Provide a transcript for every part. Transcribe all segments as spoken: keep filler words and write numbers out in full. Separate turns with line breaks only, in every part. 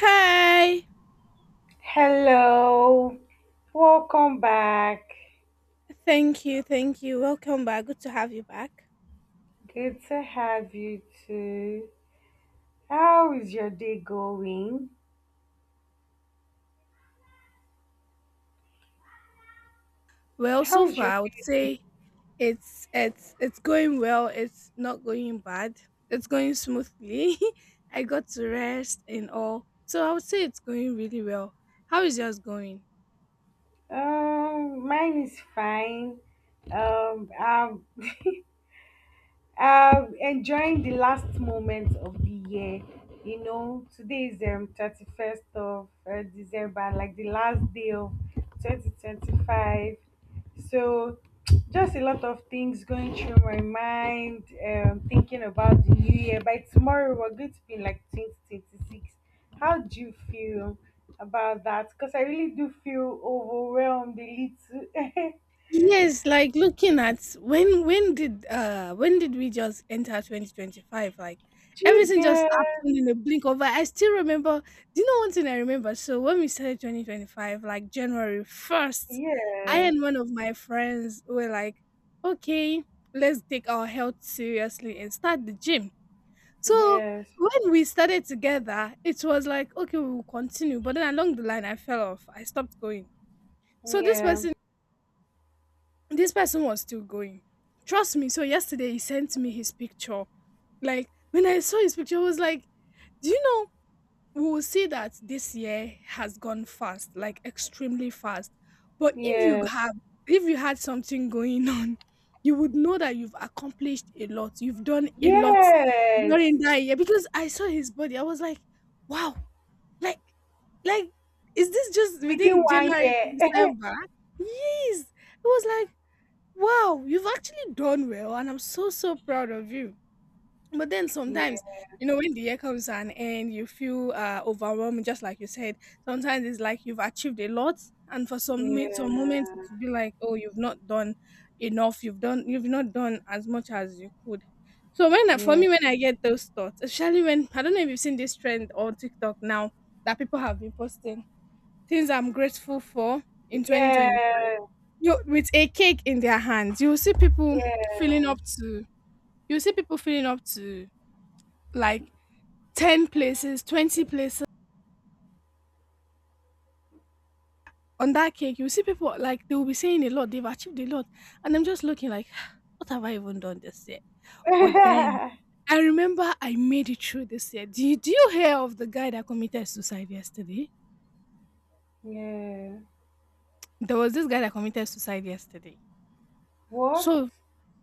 Hi.
Hello, welcome back.
Thank you. Thank you. Welcome back. Good to have you back.
Good to have you too. How is your day going?
Well,
How
so
is
far
your
I would
day
say it's it's it's going well. It's not going bad. It's going smoothly. I got to rest and all. So I would say it's going really well. How is yours going?
going? Um, mine is fine. Um, I've Uh, enjoying the last moment of the year. You know, today is um thirty first of uh, December, like the last day of twenty twenty five. So, just a lot of things going through my mind. Um, thinking about the new year. By tomorrow, we're going to be in, like twenty twenty six. How do you feel about that? Because I really do feel overwhelmed a little.
Yes, like looking at when when did uh when did we just enter twenty twenty-five? Like
Do you
everything just
get?
happened in a blink of an eye. I still remember. Do you know one thing I remember? So when we started twenty twenty-five, like January first, I
Yes.
and one of my friends were like, okay, let's take our health seriously and start the gym. So
Yes.
when we started together, it was like, okay, we will continue. But then along the line, I fell off. I stopped going. So this
Yeah,
person this person was still going. Trust me. So yesterday he sent me his picture. Like when I saw his picture, I was like, do you know we will see that this year has gone fast, like extremely fast. But if you
yeah,
have if you had something going on, you would know that you've accomplished a lot. You've done a lot during
yes.
that year. Because I saw his body. I was like, wow, like like is this just
Within
within
one
January to
year.
December? Yes. It was like, wow, you've actually done well, and I'm so so proud of you. But then sometimes,
Yeah,
you know, when the year comes to an end, you feel uh, overwhelmed, just like you said. Sometimes it's like you've achieved a lot, and for some mi- some moments,
yeah,
it will be like, oh, you've not done enough. You've done you've not done as much as you could. So when I- for
yeah,
me, when I get those thoughts, especially when, I don't know if you've seen this trend on TikTok now that people have been posting things I'm grateful for in twenty twenty, you with a cake in their hands. You will see people
yeah,
filling up to, you will see people filling up to, like, ten places, twenty places on that cake. You will see people, like, they will be saying a lot, they've achieved a lot, and I'm just looking like, what have I even done this year? But then
yeah,
I remember I made it through this year. Do you, do you hear of the guy that committed suicide yesterday?
yeah.
There was this guy that committed suicide yesterday.
What?
So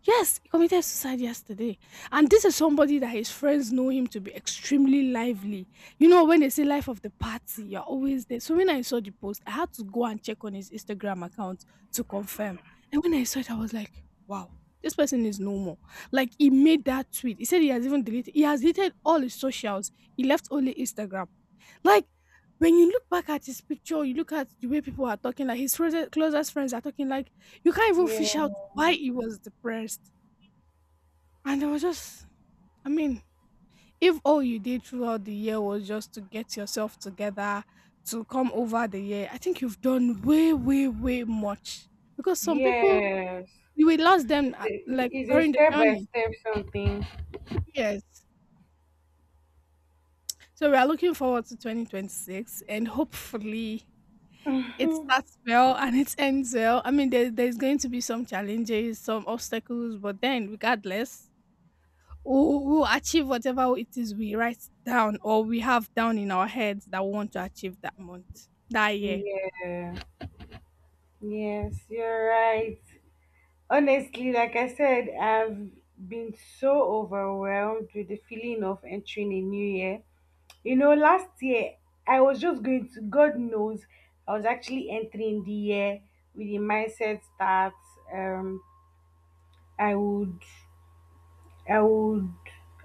yes, he committed suicide yesterday. And this is somebody that his friends know him to be extremely lively. You know, when they say life of the party, you're always there. So when I saw the post, I had to go and check on his Instagram account to confirm. And when I saw it, I was like, wow, this person is no more. Like, he made that tweet. He said he has even deleted, he has deleted all his socials. He left only Instagram. Like, when you look back at his picture, you look at the way people are talking, like his closest, closest friends are talking, like, you can't even fish out
Yeah,
why he was depressed. And I was just, I mean, if all you did throughout the year was just to get yourself together, to come over the year, I think you've done way, way, way much. Because some people,
Yes.
you will lost them at, like,
It's a
during the
step by
journey.
step something.
Yes. So we are looking forward to twenty twenty-six, and hopefully it starts well and it ends well. I mean, there, there's going to be some challenges, some obstacles, but then regardless, we who achieve whatever it is we write down, or we have down in our heads, that we want to achieve that month, that year.
Yeah, yes, you're right. Honestly, like I said, I've been so overwhelmed with the feeling of entering a new year. You know, last year I was just going to, God knows, I was actually entering the year with the mindset that um, I would, I would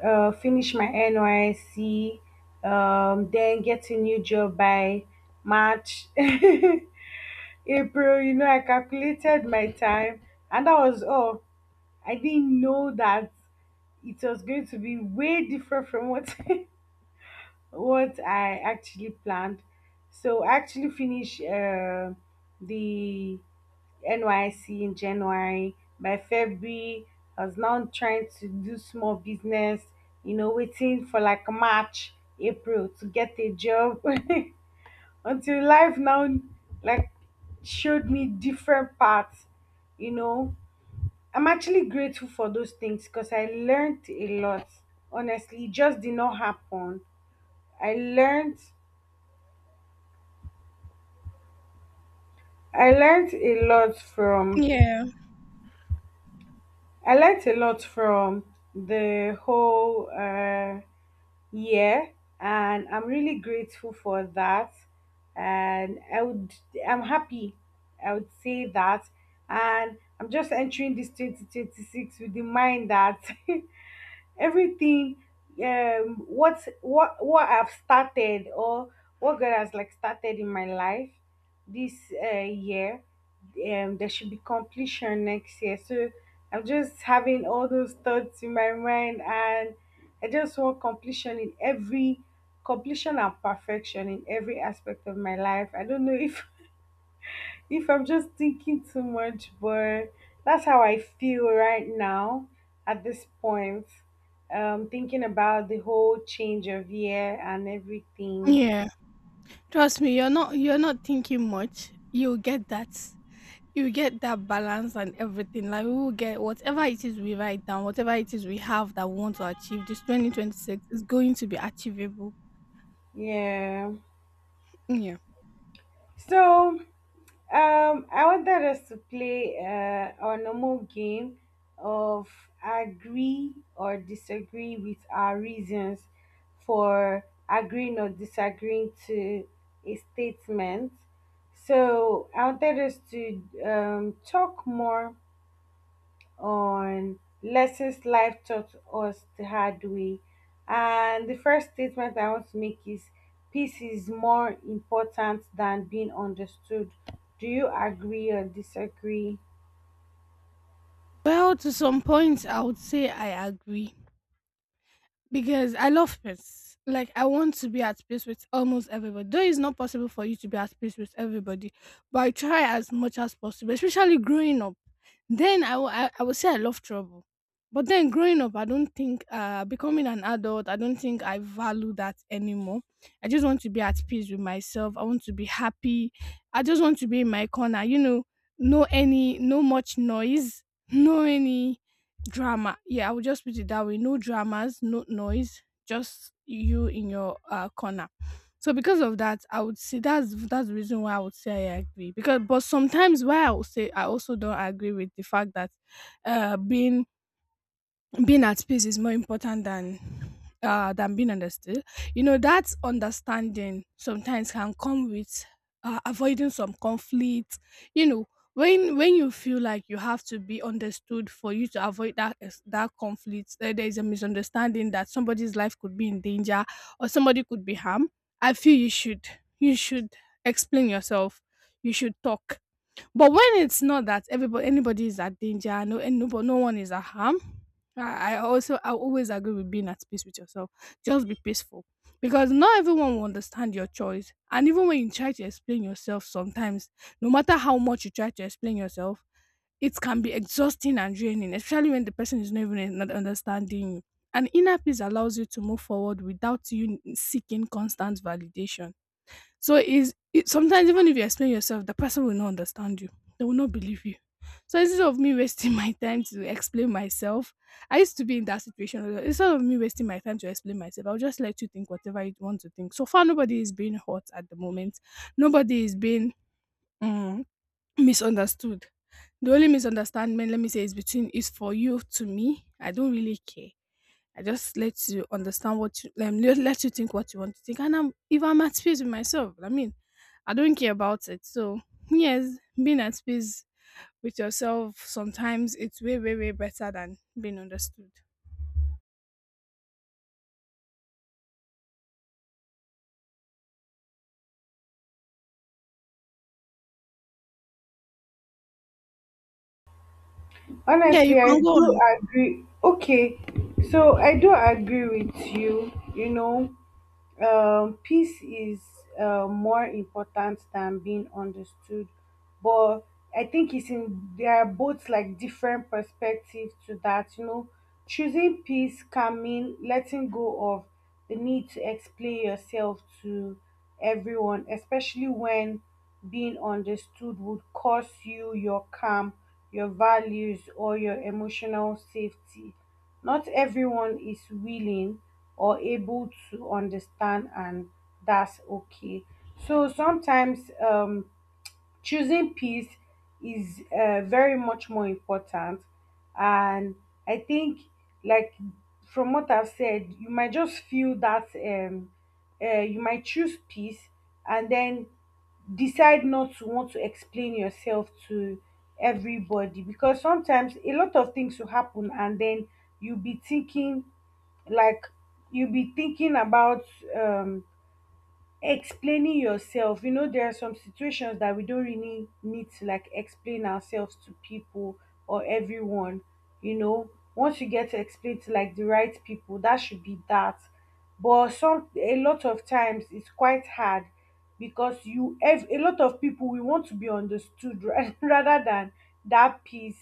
uh, finish my N Y C, um, then get a new job by March, April. You know, I calculated my time, and that was all. I didn't know that it was going to be way different from what what I actually planned. So I actually finished uh, the N Y C in January. By February, I was now trying to do small business, you know, waiting for like March, April to get a job until life now like showed me different paths, you know. I'm actually grateful for those things because I learned a lot. Honestly, it just did not happen. I learned I learned a lot from
Yeah,
I learned a lot from the whole uh, year, and I'm really grateful for that. And I would I'm happy. I would say that, and I'm just entering this two thousand twenty six with the mind that everything um what what what I've started or what God has like started in my life this uh, year, um there should be completion next year. So I'm just having all those thoughts in my mind, and I just want completion in every completion and perfection in every aspect of my life. I don't know if if I'm just thinking too much, but that's how I feel right now at this point. Um, thinking about the whole change of year and everything.
yeah. Trust me, you're not you're not thinking much. You'll get that. You get that balance and everything. Like, we will get whatever it is we write down, whatever it is we have that we want to achieve. This twenty twenty six is going to be achievable.
Yeah.
Yeah.
So Um, I wanted us to play uh, our normal game of agree or disagree, with our reasons for agreeing or disagreeing to a statement. So I wanted us to um, talk more on lessons life taught us the hard way. And the first statement I want to make is peace is more important than being understood. Do you agree or disagree?
Well, to some point, I would say I agree, because I love peace. Like, I want to be at peace with almost everybody. Though it's not possible for you to be at peace with everybody, but I try as much as possible, especially growing up. Then I will I, I would say I love trouble. But then growing up, I don't think, uh becoming an adult, I don't think I value that anymore. I just want to be at peace with myself. I want to be happy. I just want to be in my corner, you know, no any no much noise, no any drama. Yeah, I would just put it that way. No dramas, no noise, just you in your uh, corner. So because of that, I would say that's that's the reason why I would say I agree. Because, but sometimes, why I would say I also don't agree with the fact that uh being being at peace is more important than uh than being understood. You know that understanding sometimes can come with uh, avoiding some conflict. You know, when when you feel like you have to be understood for you to avoid that is- that conflict, uh, there is a misunderstanding that somebody's life could be in danger or somebody could be harmed, I feel you should, you should explain yourself, you should talk. But when it's not that everybody anybody is at danger, no and no, but no one is at harm. I I also I always agree with being at peace with yourself. Just be peaceful, because not everyone will understand your choice. And even when you try to explain yourself, sometimes no matter how much you try to explain yourself, it can be exhausting and draining, especially when the person is not even un- not understanding you. And inner peace allows you to move forward without you seeking constant validation. So is it, sometimes even if you explain yourself, the person will not understand you. They will not believe you. So instead of me wasting my time to explain myself, I used to be in that situation, where instead of me wasting my time to explain myself, I'll just let you think whatever you want to think. So far, nobody is being hurt at the moment. Nobody is being um, misunderstood. The only misunderstanding, let me say, is between is for you to me. I don't really care. I just let you understand what you, um, let, let you think what you want to think. And I'm, if I'm at peace with myself, I mean, I don't care about it. So yes, being at peace with yourself sometimes it's way, way, way better than being understood. Yeah, you
Honestly, I
can go on.
do agree. Okay, so I do agree with you. You know, um, peace is uh, more important than being understood, but I think it's in there are both like different perspectives to that. You know, choosing peace can mean letting go of the need to explain yourself to everyone, especially when being understood would cost you your calm, your values, or your emotional safety. Not everyone is willing or able to understand, and that's okay. So sometimes, um, choosing peace is uh, very much more important. And I think, like, from what I've said, you might just feel that um uh, you might choose peace and then decide not to want to explain yourself to everybody, because sometimes a lot of things will happen and then you'll be thinking like you'll be thinking about um explaining yourself. You know, there are some situations that we don't really need to like explain ourselves to people or everyone. You know, once you get to explain to like the right people, that should be that. But some a lot of times it's quite hard, because you ev- a lot of people, we want to be understood, ra- rather than that piece.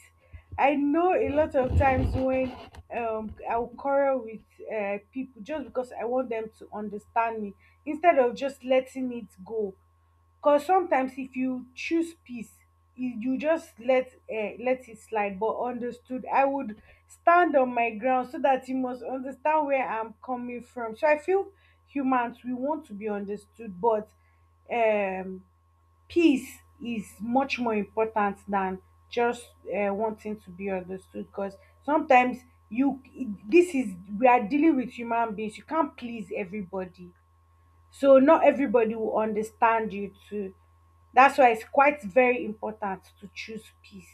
I know a lot of times when um I'll quarrel with uh, people just because I want them to understand me, instead of just letting it go. Cause sometimes if you choose peace, you you just let, uh, let it slide. But understood, I would stand on my ground so that you must understand where I'm coming from. So I feel humans, we want to be understood, but um, peace is much more important than just uh, wanting to be understood. Because sometimes you this is, we are dealing with human beings. You can't please everybody, so not everybody will understand you too. That's why it's quite very important to choose peace.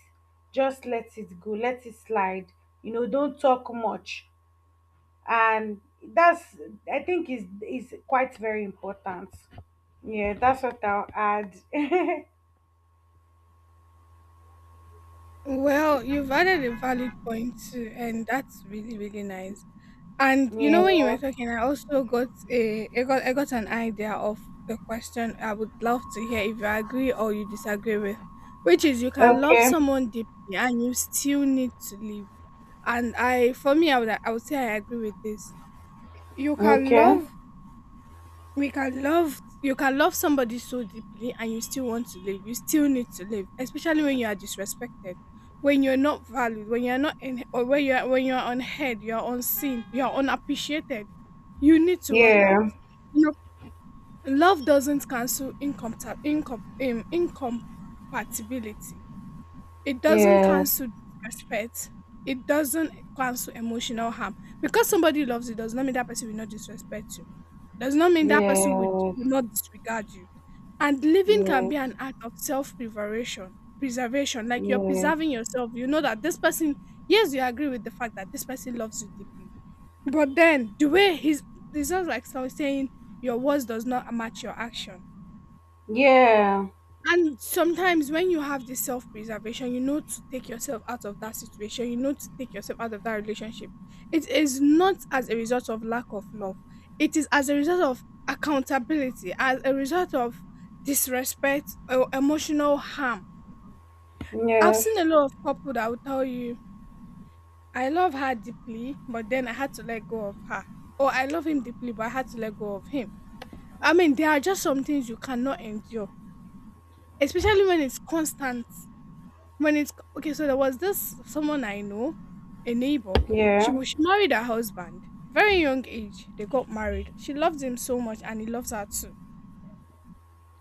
Just let it go, let it slide. You know, don't talk much. And that's, I think, is is quite very important. Yeah, that's what I'll add. Yeah.
Well, you've added a valid point too, and that's really, really nice. And you know, when you were talking, I also got a I got I got an idea of the question I would love to hear if you agree or you disagree with, which is, you can love
Okay.
someone deeply and you still need to live. And I, for me, I would I would say I agree with this. You can
Okay.
love we can love you can love somebody so deeply, and you still want to live, you still need to live, especially when you are disrespected, when you're not valued, when you're not in or when you're when you're unheard, you're unseen, you're unappreciated, you need to work out.
Yeah.
You know, love doesn't cancel income incom, um, incompatibility. It doesn't
Yeah.
cancel disrespect. It doesn't cancel emotional harm. Because somebody loves you does not mean that person will not disrespect you. Does not mean that person will
Yeah.
will not disregard you. And living can
Yeah.
be an act of self-preservation. Preservation, like you're
Yeah.
preserving yourself. You know that this person, yes, you agree with the fact that this person loves you deeply. But then the way he's, it's just like, so saying, your words does not match your action.
Yeah.
And sometimes when you have this self preservation, you know, to take yourself out of that situation, you know, to take yourself out of that relationship. It is not as a result of lack of love, it is as a result of accountability, as a result of disrespect or emotional harm. I've
Yes.
seen a lot of couple that will tell you, I love her deeply, but then I had to let go of her. Or I love him deeply, but I had to let go of him. I mean, there are just some things you cannot endure, especially when it's constant. When it's, okay, so there was this someone I know, a neighbor. She
Yeah.
was she married her husband. Very young age, they got married. She loved him so much and he loves her too.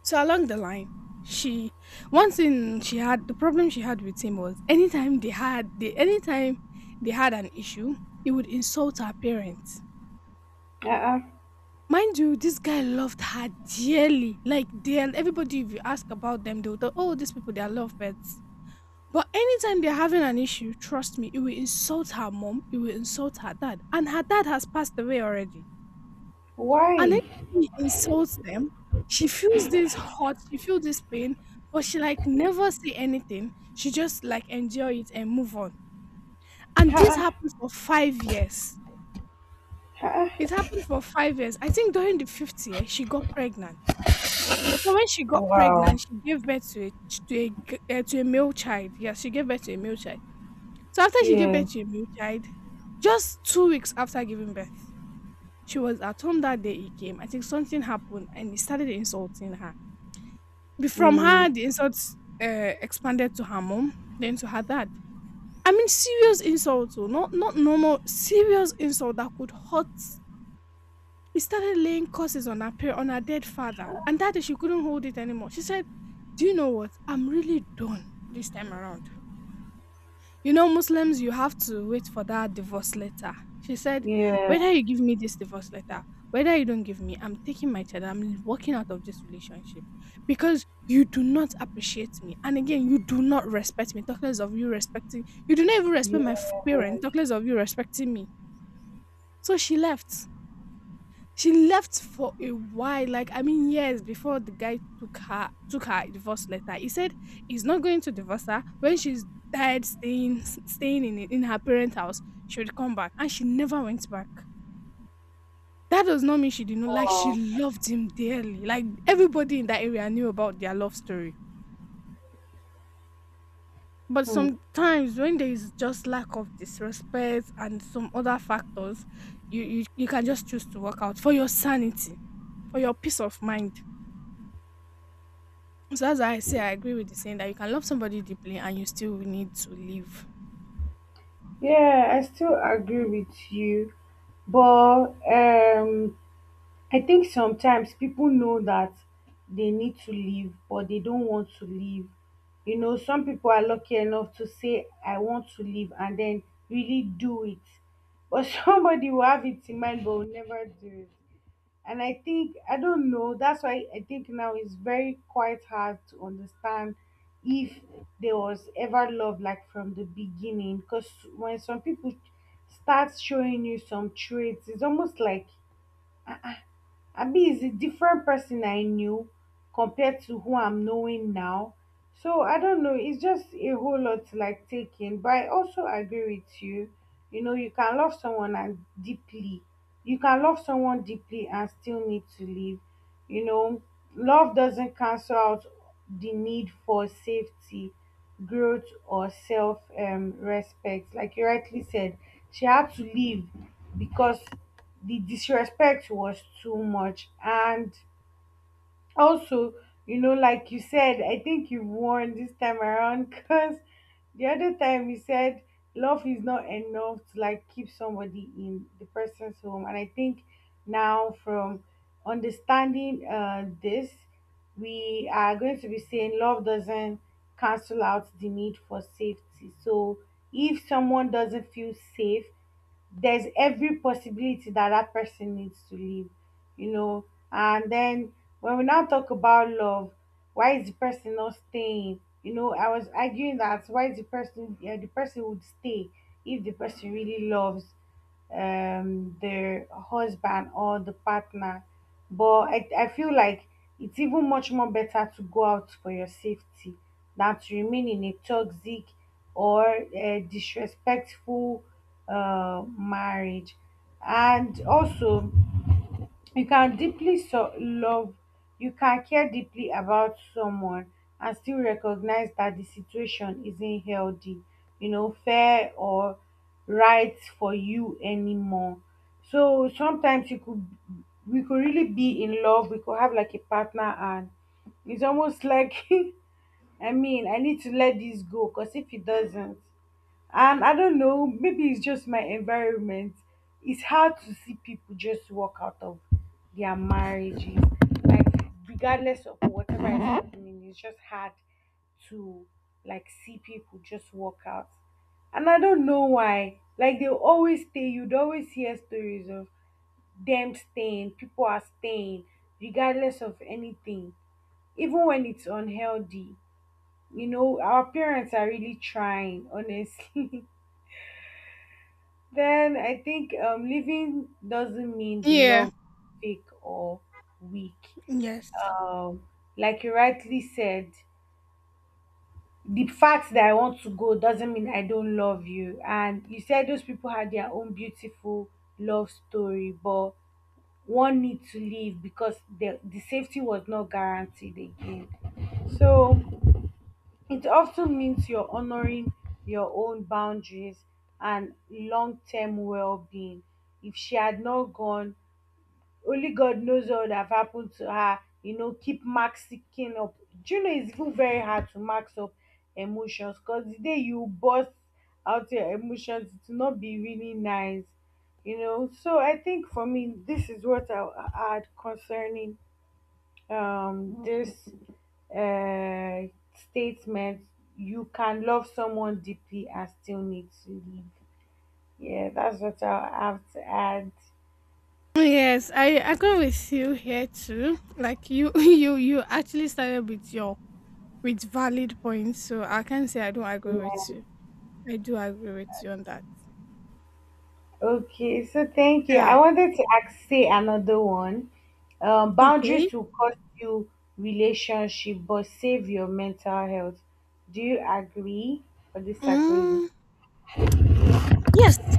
So along the line, she one thing she had the problem she had with him was anytime they had they anytime they had an issue, he would insult her parents.
Uh-uh.
Mind you, this guy loved her dearly, like dearly. Everybody, if you ask about them, they'll tell, "Oh, these people, they are lovebirds." But anytime they're having an issue, trust me, it will insult her mom, it will insult her dad. And her dad has passed away already. And then
Why?
he insults them. She feels this hurt, she feels this pain, but she like never say anything. She just like enjoy it and move on. And
Ha,
this happened for five years. It
ha.
happened for five years. I think during the fifth year, she got pregnant. So when she got
Wow.
pregnant, she gave birth to a ch- to a, g- uh, to a male child. Yes, she gave birth to a male child. So after she gave
Yeah.
birth to a male child, just two weeks after giving birth, she was at home that day he came. I think something happened and he started insulting her. Be- From her,
Mm.
the insults uh, expanded to her mom, then to her dad. I mean, serious insult, oh, not not normal, serious insult that could hurt. He started laying curses on her par- on her dead father, and that day she couldn't hold it anymore. She said, "Do you know what? I'm really done this time around." You know, Muslims, you have to wait for that divorce letter. She said,
Yeah.
whether you give me this divorce letter, whether you don't give me, I'm taking my child, I'm walking out of this relationship because you do not appreciate me. And again, you do not respect me. Talk less of you respecting, you do not even respect my f-
Yeah.
parent. Talk less of you respecting me. So she left. She left for a while, like I mean years before the guy took her took her divorce letter. He said he's not going to divorce her when she's tired staying s- staying in in her parents' house. She would come back, and she never went back. That does not mean she did not like. She
Wow.
loved him dearly. Like everybody in that area knew about their love story. But
Hmm.
sometimes when there is just lack of disrespect and some other factors, you you, you can just choose to walk out for your sanity, for your peace of mind. So as I say, I agree with the saying that you can love somebody deeply and you still need to live.
Yeah, I still agree with you. But um, I think sometimes people know that they need to leave, but they don't want to leave. You know, some people are lucky enough to say, I want to leave, and then really do it. But somebody will have it in mind, but will never do it. And I think, I don't know, that's why I think now it's very quite hard to understand if there was ever love like from the beginning, because when some people start showing you some traits, it's almost like Abi is a different person I knew compared to who I'm knowing now. So I don't know. It's just a whole lot to like taking. But I also agree with you. You know, you can love someone and deeply. You can love someone deeply and still need to leave. You know, love doesn't cancel out the need for safety, growth, or self um, respect. Like you rightly said, she had to leave because the disrespect was too much. And also, you know, like you said, I think you won this time around because the other time you said love is not enough to like keep somebody in the person's home. And I think now, from understanding uh, this, we are going to be saying love doesn't cancel out the need for safety. So if someone doesn't feel safe, there's every possibility that that person needs to live, you know. And then when we now talk about love, why is the person not staying? You know, I was arguing that why is the person, yeah, the person would stay if the person really loves um the husband or the partner. But I, I feel like it's even much more better to go out for your safety than to remain in a toxic or uh, disrespectful uh, marriage. And also, you can deeply so- love, you can care deeply about someone and still recognize that the situation isn't healthy, you know, fair, or right for you anymore. So sometimes you could, we could really be in love, we could have like a partner, and it's almost like, I mean, I need to let this go, because if it doesn't, and I don't know, maybe it's just my environment, it's hard to see people just walk out of their marriages, like regardless of whatever is happening. It's just hard to like see people just walk out, and I don't know why, like they always stay. You'd always hear stories of them staying, people are staying regardless of anything, even when it's unhealthy. You know, our parents are really trying, honestly. Then I think, um, living doesn't mean the
Yeah.
love is fake or weak.
Yes.
Um, like you rightly said, the fact that I want to go doesn't mean I don't love you. And you said those people had their own beautiful love story, but one need to leave because the the safety was not guaranteed again. So it often means you're honoring your own boundaries and long term well being. If she had not gone, only God knows what would have happened to her. You know, keep maxing up. Do you know it's even very hard to max up emotions, because the day you burst out your emotions, it will not be really nice. You know, so I think for me, this is what I I had concerning um, this uh, statement, you can love someone deeply and still need to live. Yeah, that's what I have to add.
Yes, I agree with you here too. Like you, you, you actually started with your with valid points, so I can say I don't agree with you. I do agree with you on that.
Okay, so thank you. I
Yeah.
wanted to ask, say another one. Um,
Okay.
boundaries will cost you relationship, but save your mental health. Do you agree or disagree?
Mm, yes.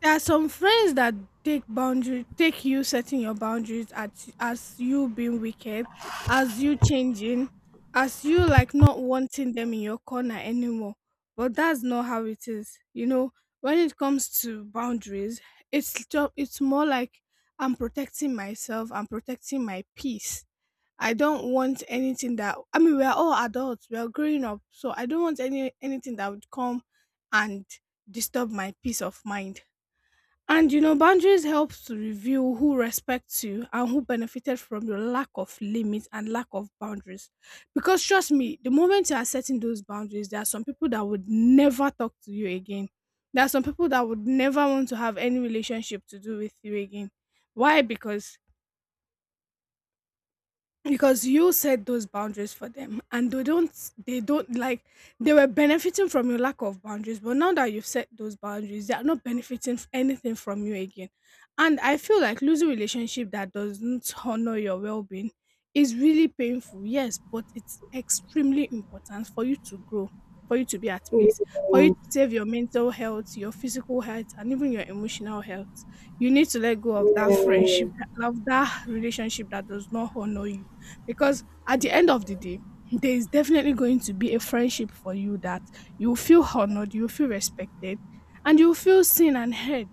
There are some friends that take boundary take you setting your boundaries at as you being wicked, as you changing, as you like not wanting them in your corner anymore. But that's not how it is. You know, when it comes to boundaries, it's just it's more like I'm protecting myself, I'm protecting my peace. I don't want anything that I mean we are all adults, we are growing up, so I don't want any anything that would come and disturb my peace of mind. And you know, boundaries help to reveal who respects you and who benefited from your lack of limits and lack of boundaries. Because trust me, the moment you are setting those boundaries, there are some people that would never talk to you again. There are some people that would never want to have any relationship to do with you again. Why? Because because you set those boundaries for them and they don't they don't like they were benefiting from your lack of boundaries, but now that you've set those boundaries, they are not benefiting f- anything from you again. And I feel like losing relationship that doesn't honor your well-being is really painful, yes, but it's extremely important for you to grow, for you to be at peace,
Yeah,
for you to save your mental health, your physical health, and even your emotional health. You need to let go of that
yeah.
friendship, of that relationship that does not honor you, because at the end of the day, there is definitely going to be a friendship for you that you feel honored, you feel respected, and you feel seen and heard.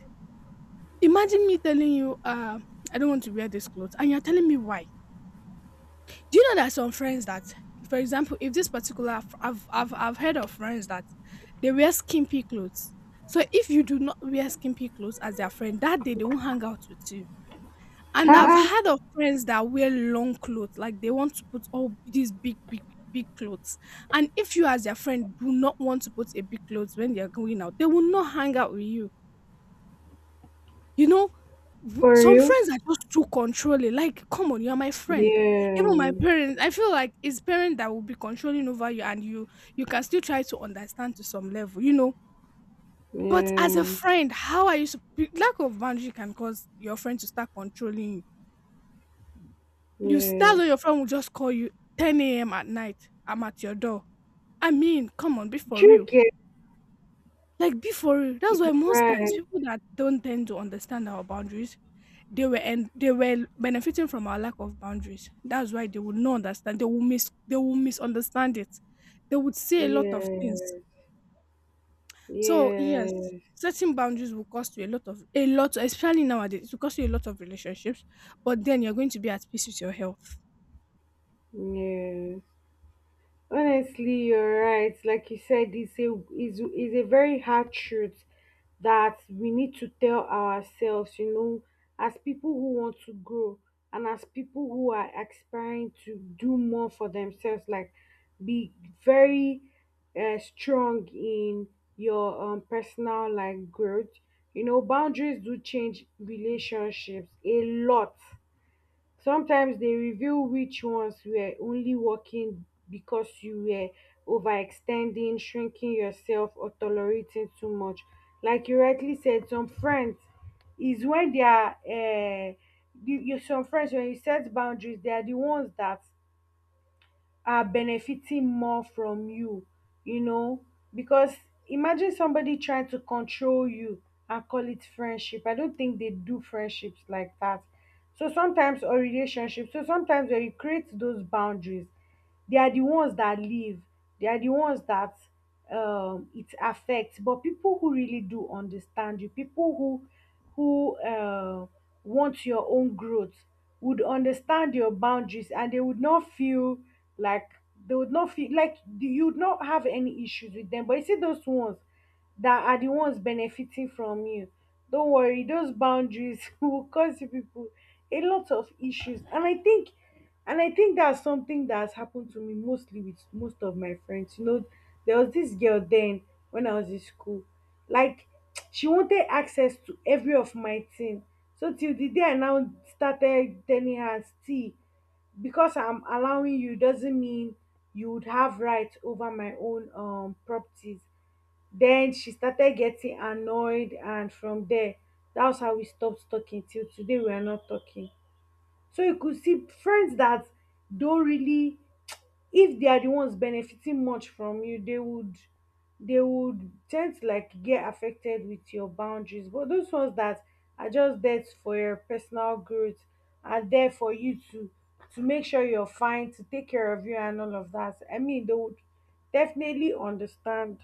Imagine me telling you, uh, I don't want to wear this clothes, and you're telling me why. Do you know that some friends that, for example, if this particular, I've, I've, I've heard of friends that they wear skimpy clothes. So if you do not wear skimpy clothes as their friend, that day they won't hang out with you. And I've
Ha!
heard of friends that wear long clothes, like they want to put all these big, big, big clothes. And if you, as their friend, do not want to put a big clothes when they are going out, they will not hang out with you. You know, w-
For
some
real?
friends are just too controlling. Like, come on, you're my friend.
Yeah,
Even my parents, I feel like it's parents that will be controlling over you, and you you can still try to understand to some level, you know. But as a
yeah.
friend, how are you? sup- Lack of boundary can cause your friend to start controlling you. You s- that's
Yes.
why your friend will just call you ten a m at night. I'm at your door. I mean, come on, be for real.
Tricky.
Like, be for real. That's why most times
Right.
people that don't tend to understand our boundaries, they were and they were benefiting from our lack of boundaries. That's why they will not understand. They will miss. They will misunderstand it. They would say a lot of things.
Yes.
So yes,
Yes. Yes.
setting boundaries will cost you a lot of a lot, especially nowadays. It will cost you a lot of relationships, but then you're going to be at peace with your health.
Yes. Honestly, you're right. Like you said, it's a is is a very hard truth that we need to tell ourselves, you know, as people who want to grow and as people who are aspiring to do more for themselves, like be very uh, strong in your um, personal like growth. You know, boundaries do change relationships a lot. Sometimes they reveal which ones were only working because you were overextending, shrinking yourself, or tolerating too much. Like you rightly said, some friends is when they are, uh, you, you- some friends, when you set boundaries, they are the ones that are benefiting more from you, you know? Because imagine somebody trying to control you and call it friendship. I don't think they do friendships like that. So sometimes, or relationships, so sometimes when you create those boundaries, they are the ones that live, they are the ones that um, it affects. But people who really do understand you, people who who uh, want your own growth would understand your boundaries and they would not feel like they would not feel like you would not have any issues with them. But you see those ones that are the ones benefiting from you. Don't worry, those boundaries will cause you people a lot of issues. And I think and I think that's something that has happened to me mostly with most of my friends. You know, there was this girl then when I was in school. Like she wanted access to every of my thing. So till the day I now started telling her see because I'm allowing you doesn't mean you would have rights over my own um properties. Then she started getting annoyed and from there that was how we stopped talking till today we are not talking. So you could see friends that don't really, if they are the ones benefiting much from you, they would they would tend to like get affected with your boundaries. But those ones that are just there for your personal growth are there for you to to make sure you're fine, to take care of you and all of that. I mean they would definitely understand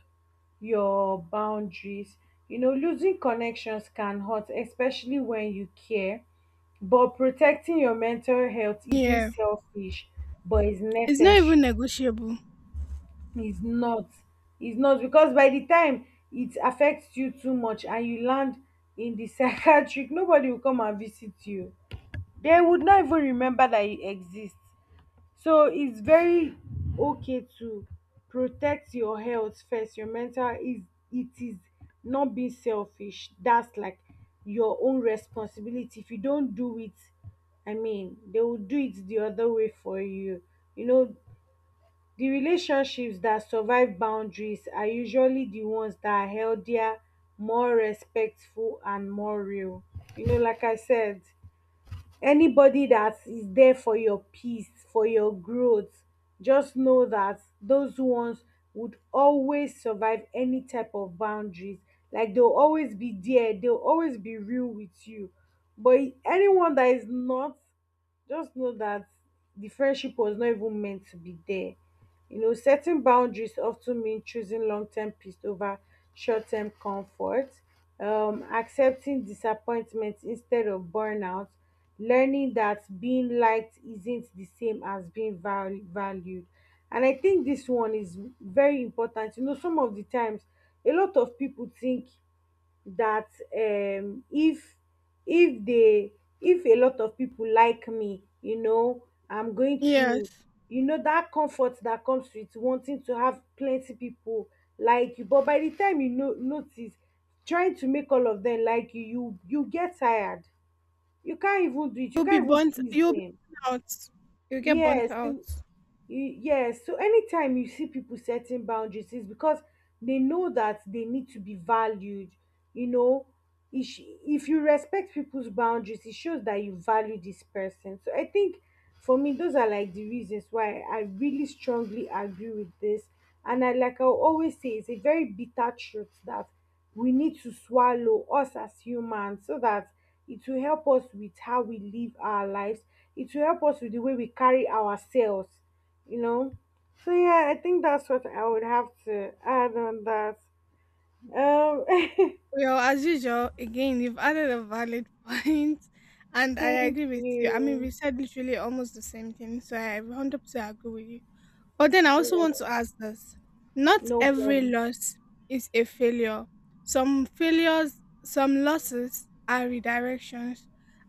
your boundaries. You know, losing connections can hurt, especially when you care, but protecting your mental health isn't
Yeah,
selfish, but it's
it's not even
necessary.
negotiable.
It's not. It's not because by the time it affects you too much and you land in the psychiatric, nobody will come and visit you. They would not even remember that you exist. So it's very okay to protect your health first, your mental is it is not being selfish. That's like your own responsibility. If you don't do it, I mean, they will do it the other way for you. You know, the relationships that survive boundaries are usually the ones that are healthier, more respectful, and more real. You know, like I said, anybody that is there for your peace, for your growth, just know that those ones would always survive any type of boundaries. Like they'll always be there, they'll always be real with you. But anyone that is not, just know that the friendship was not even meant to be there. You know, setting boundaries often mean choosing long term peace over short term comfort, um, accepting disappointment instead of burnout, learning that being liked isn't the same as being val- valued. And I think this one is very important. You know, some of the times, a lot of people think that um if if they if a lot of people like me, you know, I'm going to,
Yes.
you know, that comfort that comes with wanting to have plenty people like you, but by the time you know notice trying to make all of them like you, you you get tired, you can't even do it, you
You'll be
can't even
burnt
please
you'll be
them.
burnt out. You'll get burnt
Yes. Y-
out.
Yes, so anytime you see people setting boundaries, it's because they know that they need to be valued. You know, if sh- if you respect people's boundaries, it shows that you value this person. So I think for me, those are like the reasons why I really strongly agree with this. And I, like I always say, it's a very bitter truth that we need to swallow us as humans so that it will help us with how we live our lives. It will help us with the way we carry ourselves, you know. So yeah, I think that's what I would have to add on that. Um,
Well, as usual, again, you've added a valid point, and I
thank
agree with you. I mean,
you.
we said literally almost the same thing, so I one hundred percent agree with you. But then I
Yeah,
also want to ask this, not
no
every
problem.
loss is a failure. Some failures, some losses are redirections.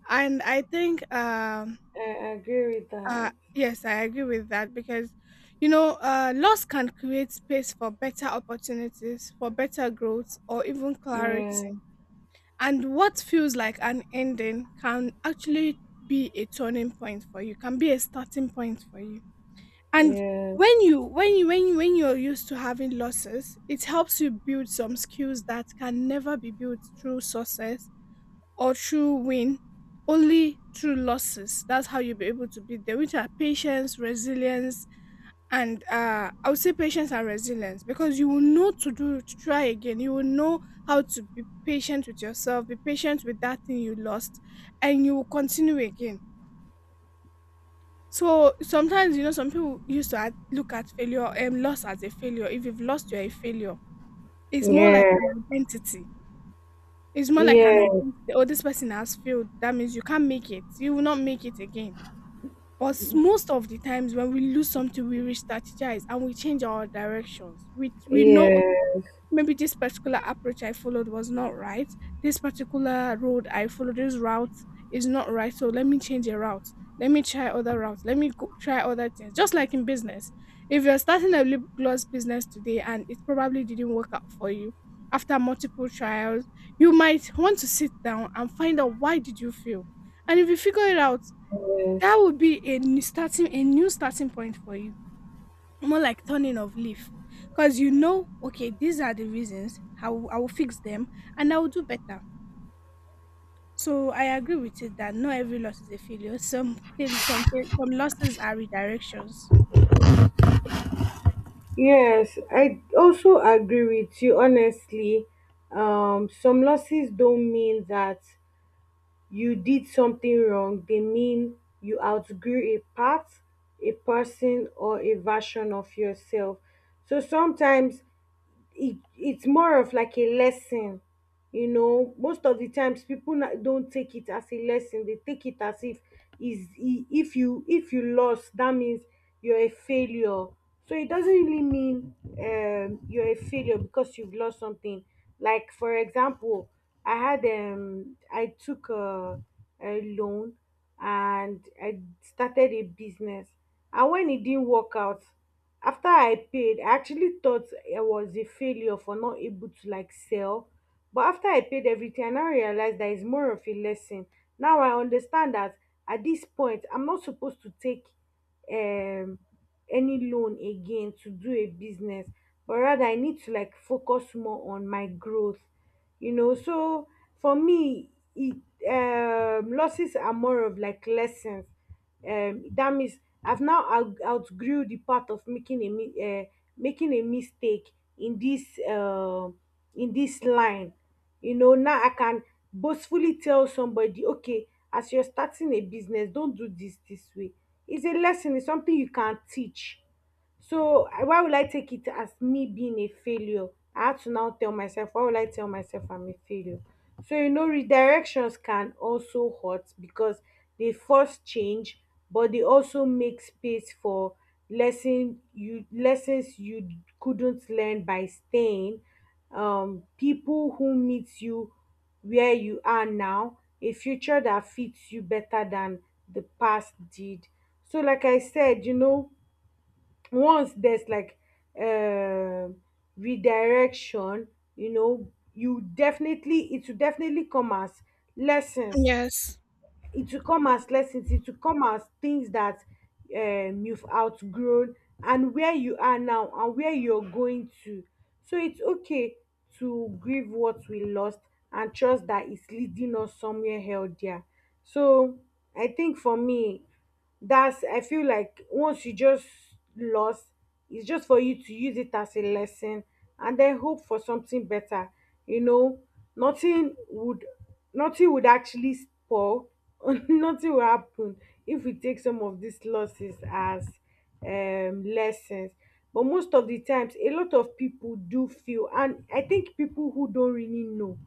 And I think um,
I agree with
uh,
that.
yes, I agree with that because, you know, uh, loss can create space for better opportunities, for better growth, or even
Yeah,
clarity. And what feels like an ending can actually be a turning point for you, can be a starting point for you. And
yeah,
when you when you when you, when you're used to having losses, it helps you build some skills that can never be built through success or through win, only through losses. That's how you'll be able to beat them, which are patience, resilience, and uh, I would say patience and resilience because you will know to do to try again. You will know how to be patient with yourself, be patient with that thing you lost, and you will continue again. So sometimes you know some people used to at- look at failure and um, loss as a failure. If you've lost, you're a failure. It's more like
yeah,
an identity. It's more like an
yeah,
identity. Oh, this person has failed. That means you can't make it. You will not make it again. But s- most of the times when we lose something, we re-strategize and we change our directions. We we know
yeah,
maybe this particular approach I followed was not right. This particular road I followed, this route is not right. So let me change a route. Let me try other routes. Let me go, try other things. Just like in business, if you're starting a lip gloss business today and it probably didn't work out for you after multiple trials, you might want to sit down and find out why did you fail. And if you figure it out,
yes,
that would be a new starting a new starting point for you, more like turning of leaf, because you know okay these are the reasons I will, I will fix them, and I will do better. So I agree with it that not every loss is a failure. Some fail some fail, some losses are redirections.
yes. I also agree with you. Honestly, um, some losses don't mean that you did something wrong, they mean you outgrew a part, a person, or a version of yourself. So sometimes it, it's more of like a lesson. You know, most of the times people na- don't take it as a lesson, they take it as if is i- if you if you lost that means you're a failure. So it doesn't really mean um you're a failure because you've lost something. Like for example, I had um I took a, a loan and I started a business. And when it didn't work out, after I paid, I actually thought I was a failure for not able to like sell. But after I paid everything, I now realized that it's more of a lesson. Now I understand that at this point, I'm not supposed to take um any loan again to do a business, but rather I need to like focus more on my growth, you know. So for me, it um, losses are more of like lessons. Um, that means I've now out- outgrew the part of making a mi- uh, making a mistake in this uh, in this line. You know, now I can boastfully tell somebody, okay, as you're starting a business, don't do this this way. It's a lesson. It's something you can teach. So I- why will I take it as me being a failure? I had to now tell myself, why will I tell myself I'm a failure? So you know, redirections can also hurt because they force change, but they also make space for lesson you lessons you couldn't learn by staying. Um, people who meet you where you are now, a future that fits you better than the past did. So, like I said, you know, once there's like um redirection, you know, you definitely it will definitely come as lessons,
Yes.
it will come as lessons, it will come as things that um you've outgrown, and where you are now and where you're going to. So it's okay to grieve what we lost and trust that it's leading us somewhere healthier. So I think for me, that's, I feel like once you just lost, it's just for you to use it as a lesson and then hope for something better. You know, nothing would nothing would actually spoil, nothing will happen if we take some of these losses as um lessons. But most of the times, a lot of people do feel, and I think people who don't really know,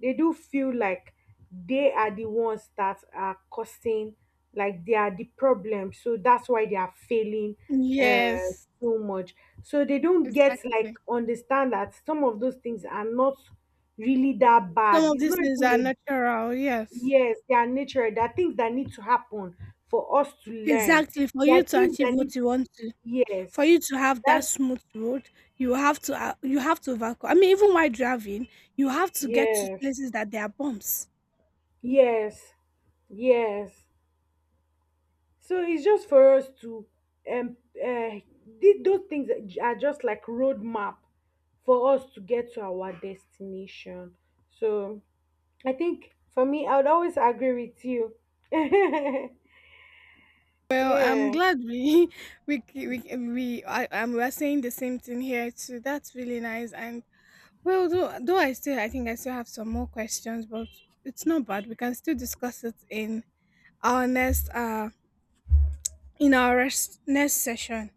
they do feel like they are the ones that are causing, like they are the problem, so that's why they are failing, uh
Yes.
so much, so they don't get
Exactly.
like understand that some of those things are not really that
Some
bad,
of
it's
these
not
things
even
are
a,
natural. Yes.
yes they are natural, there are things that need to happen for us to learn,
Exactly, for
there
you
are
to
things
achieve
that need,
what you want to,
yes,
for you to have that
that,
smooth road, you have to uh, you have to overcome. I mean, even while driving, you have to get to
yes,
places that there are bumps.
yes, yes. So it's just for us to um uh, thi- those things are just like roadmap for us to get to our destination. So I think for me, I would always agree with you.
Well, I'm
Yeah,
glad we we c- we c- we I um we're saying the same thing here too. That's really nice. And well, though though I still I think I still have some more questions, but it's not bad. We can still discuss it in our next uh in our rest, next session.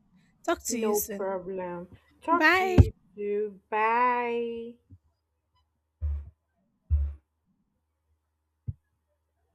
Talk to you
no
soon.
problem. Talk to you
Bye.
too. Bye.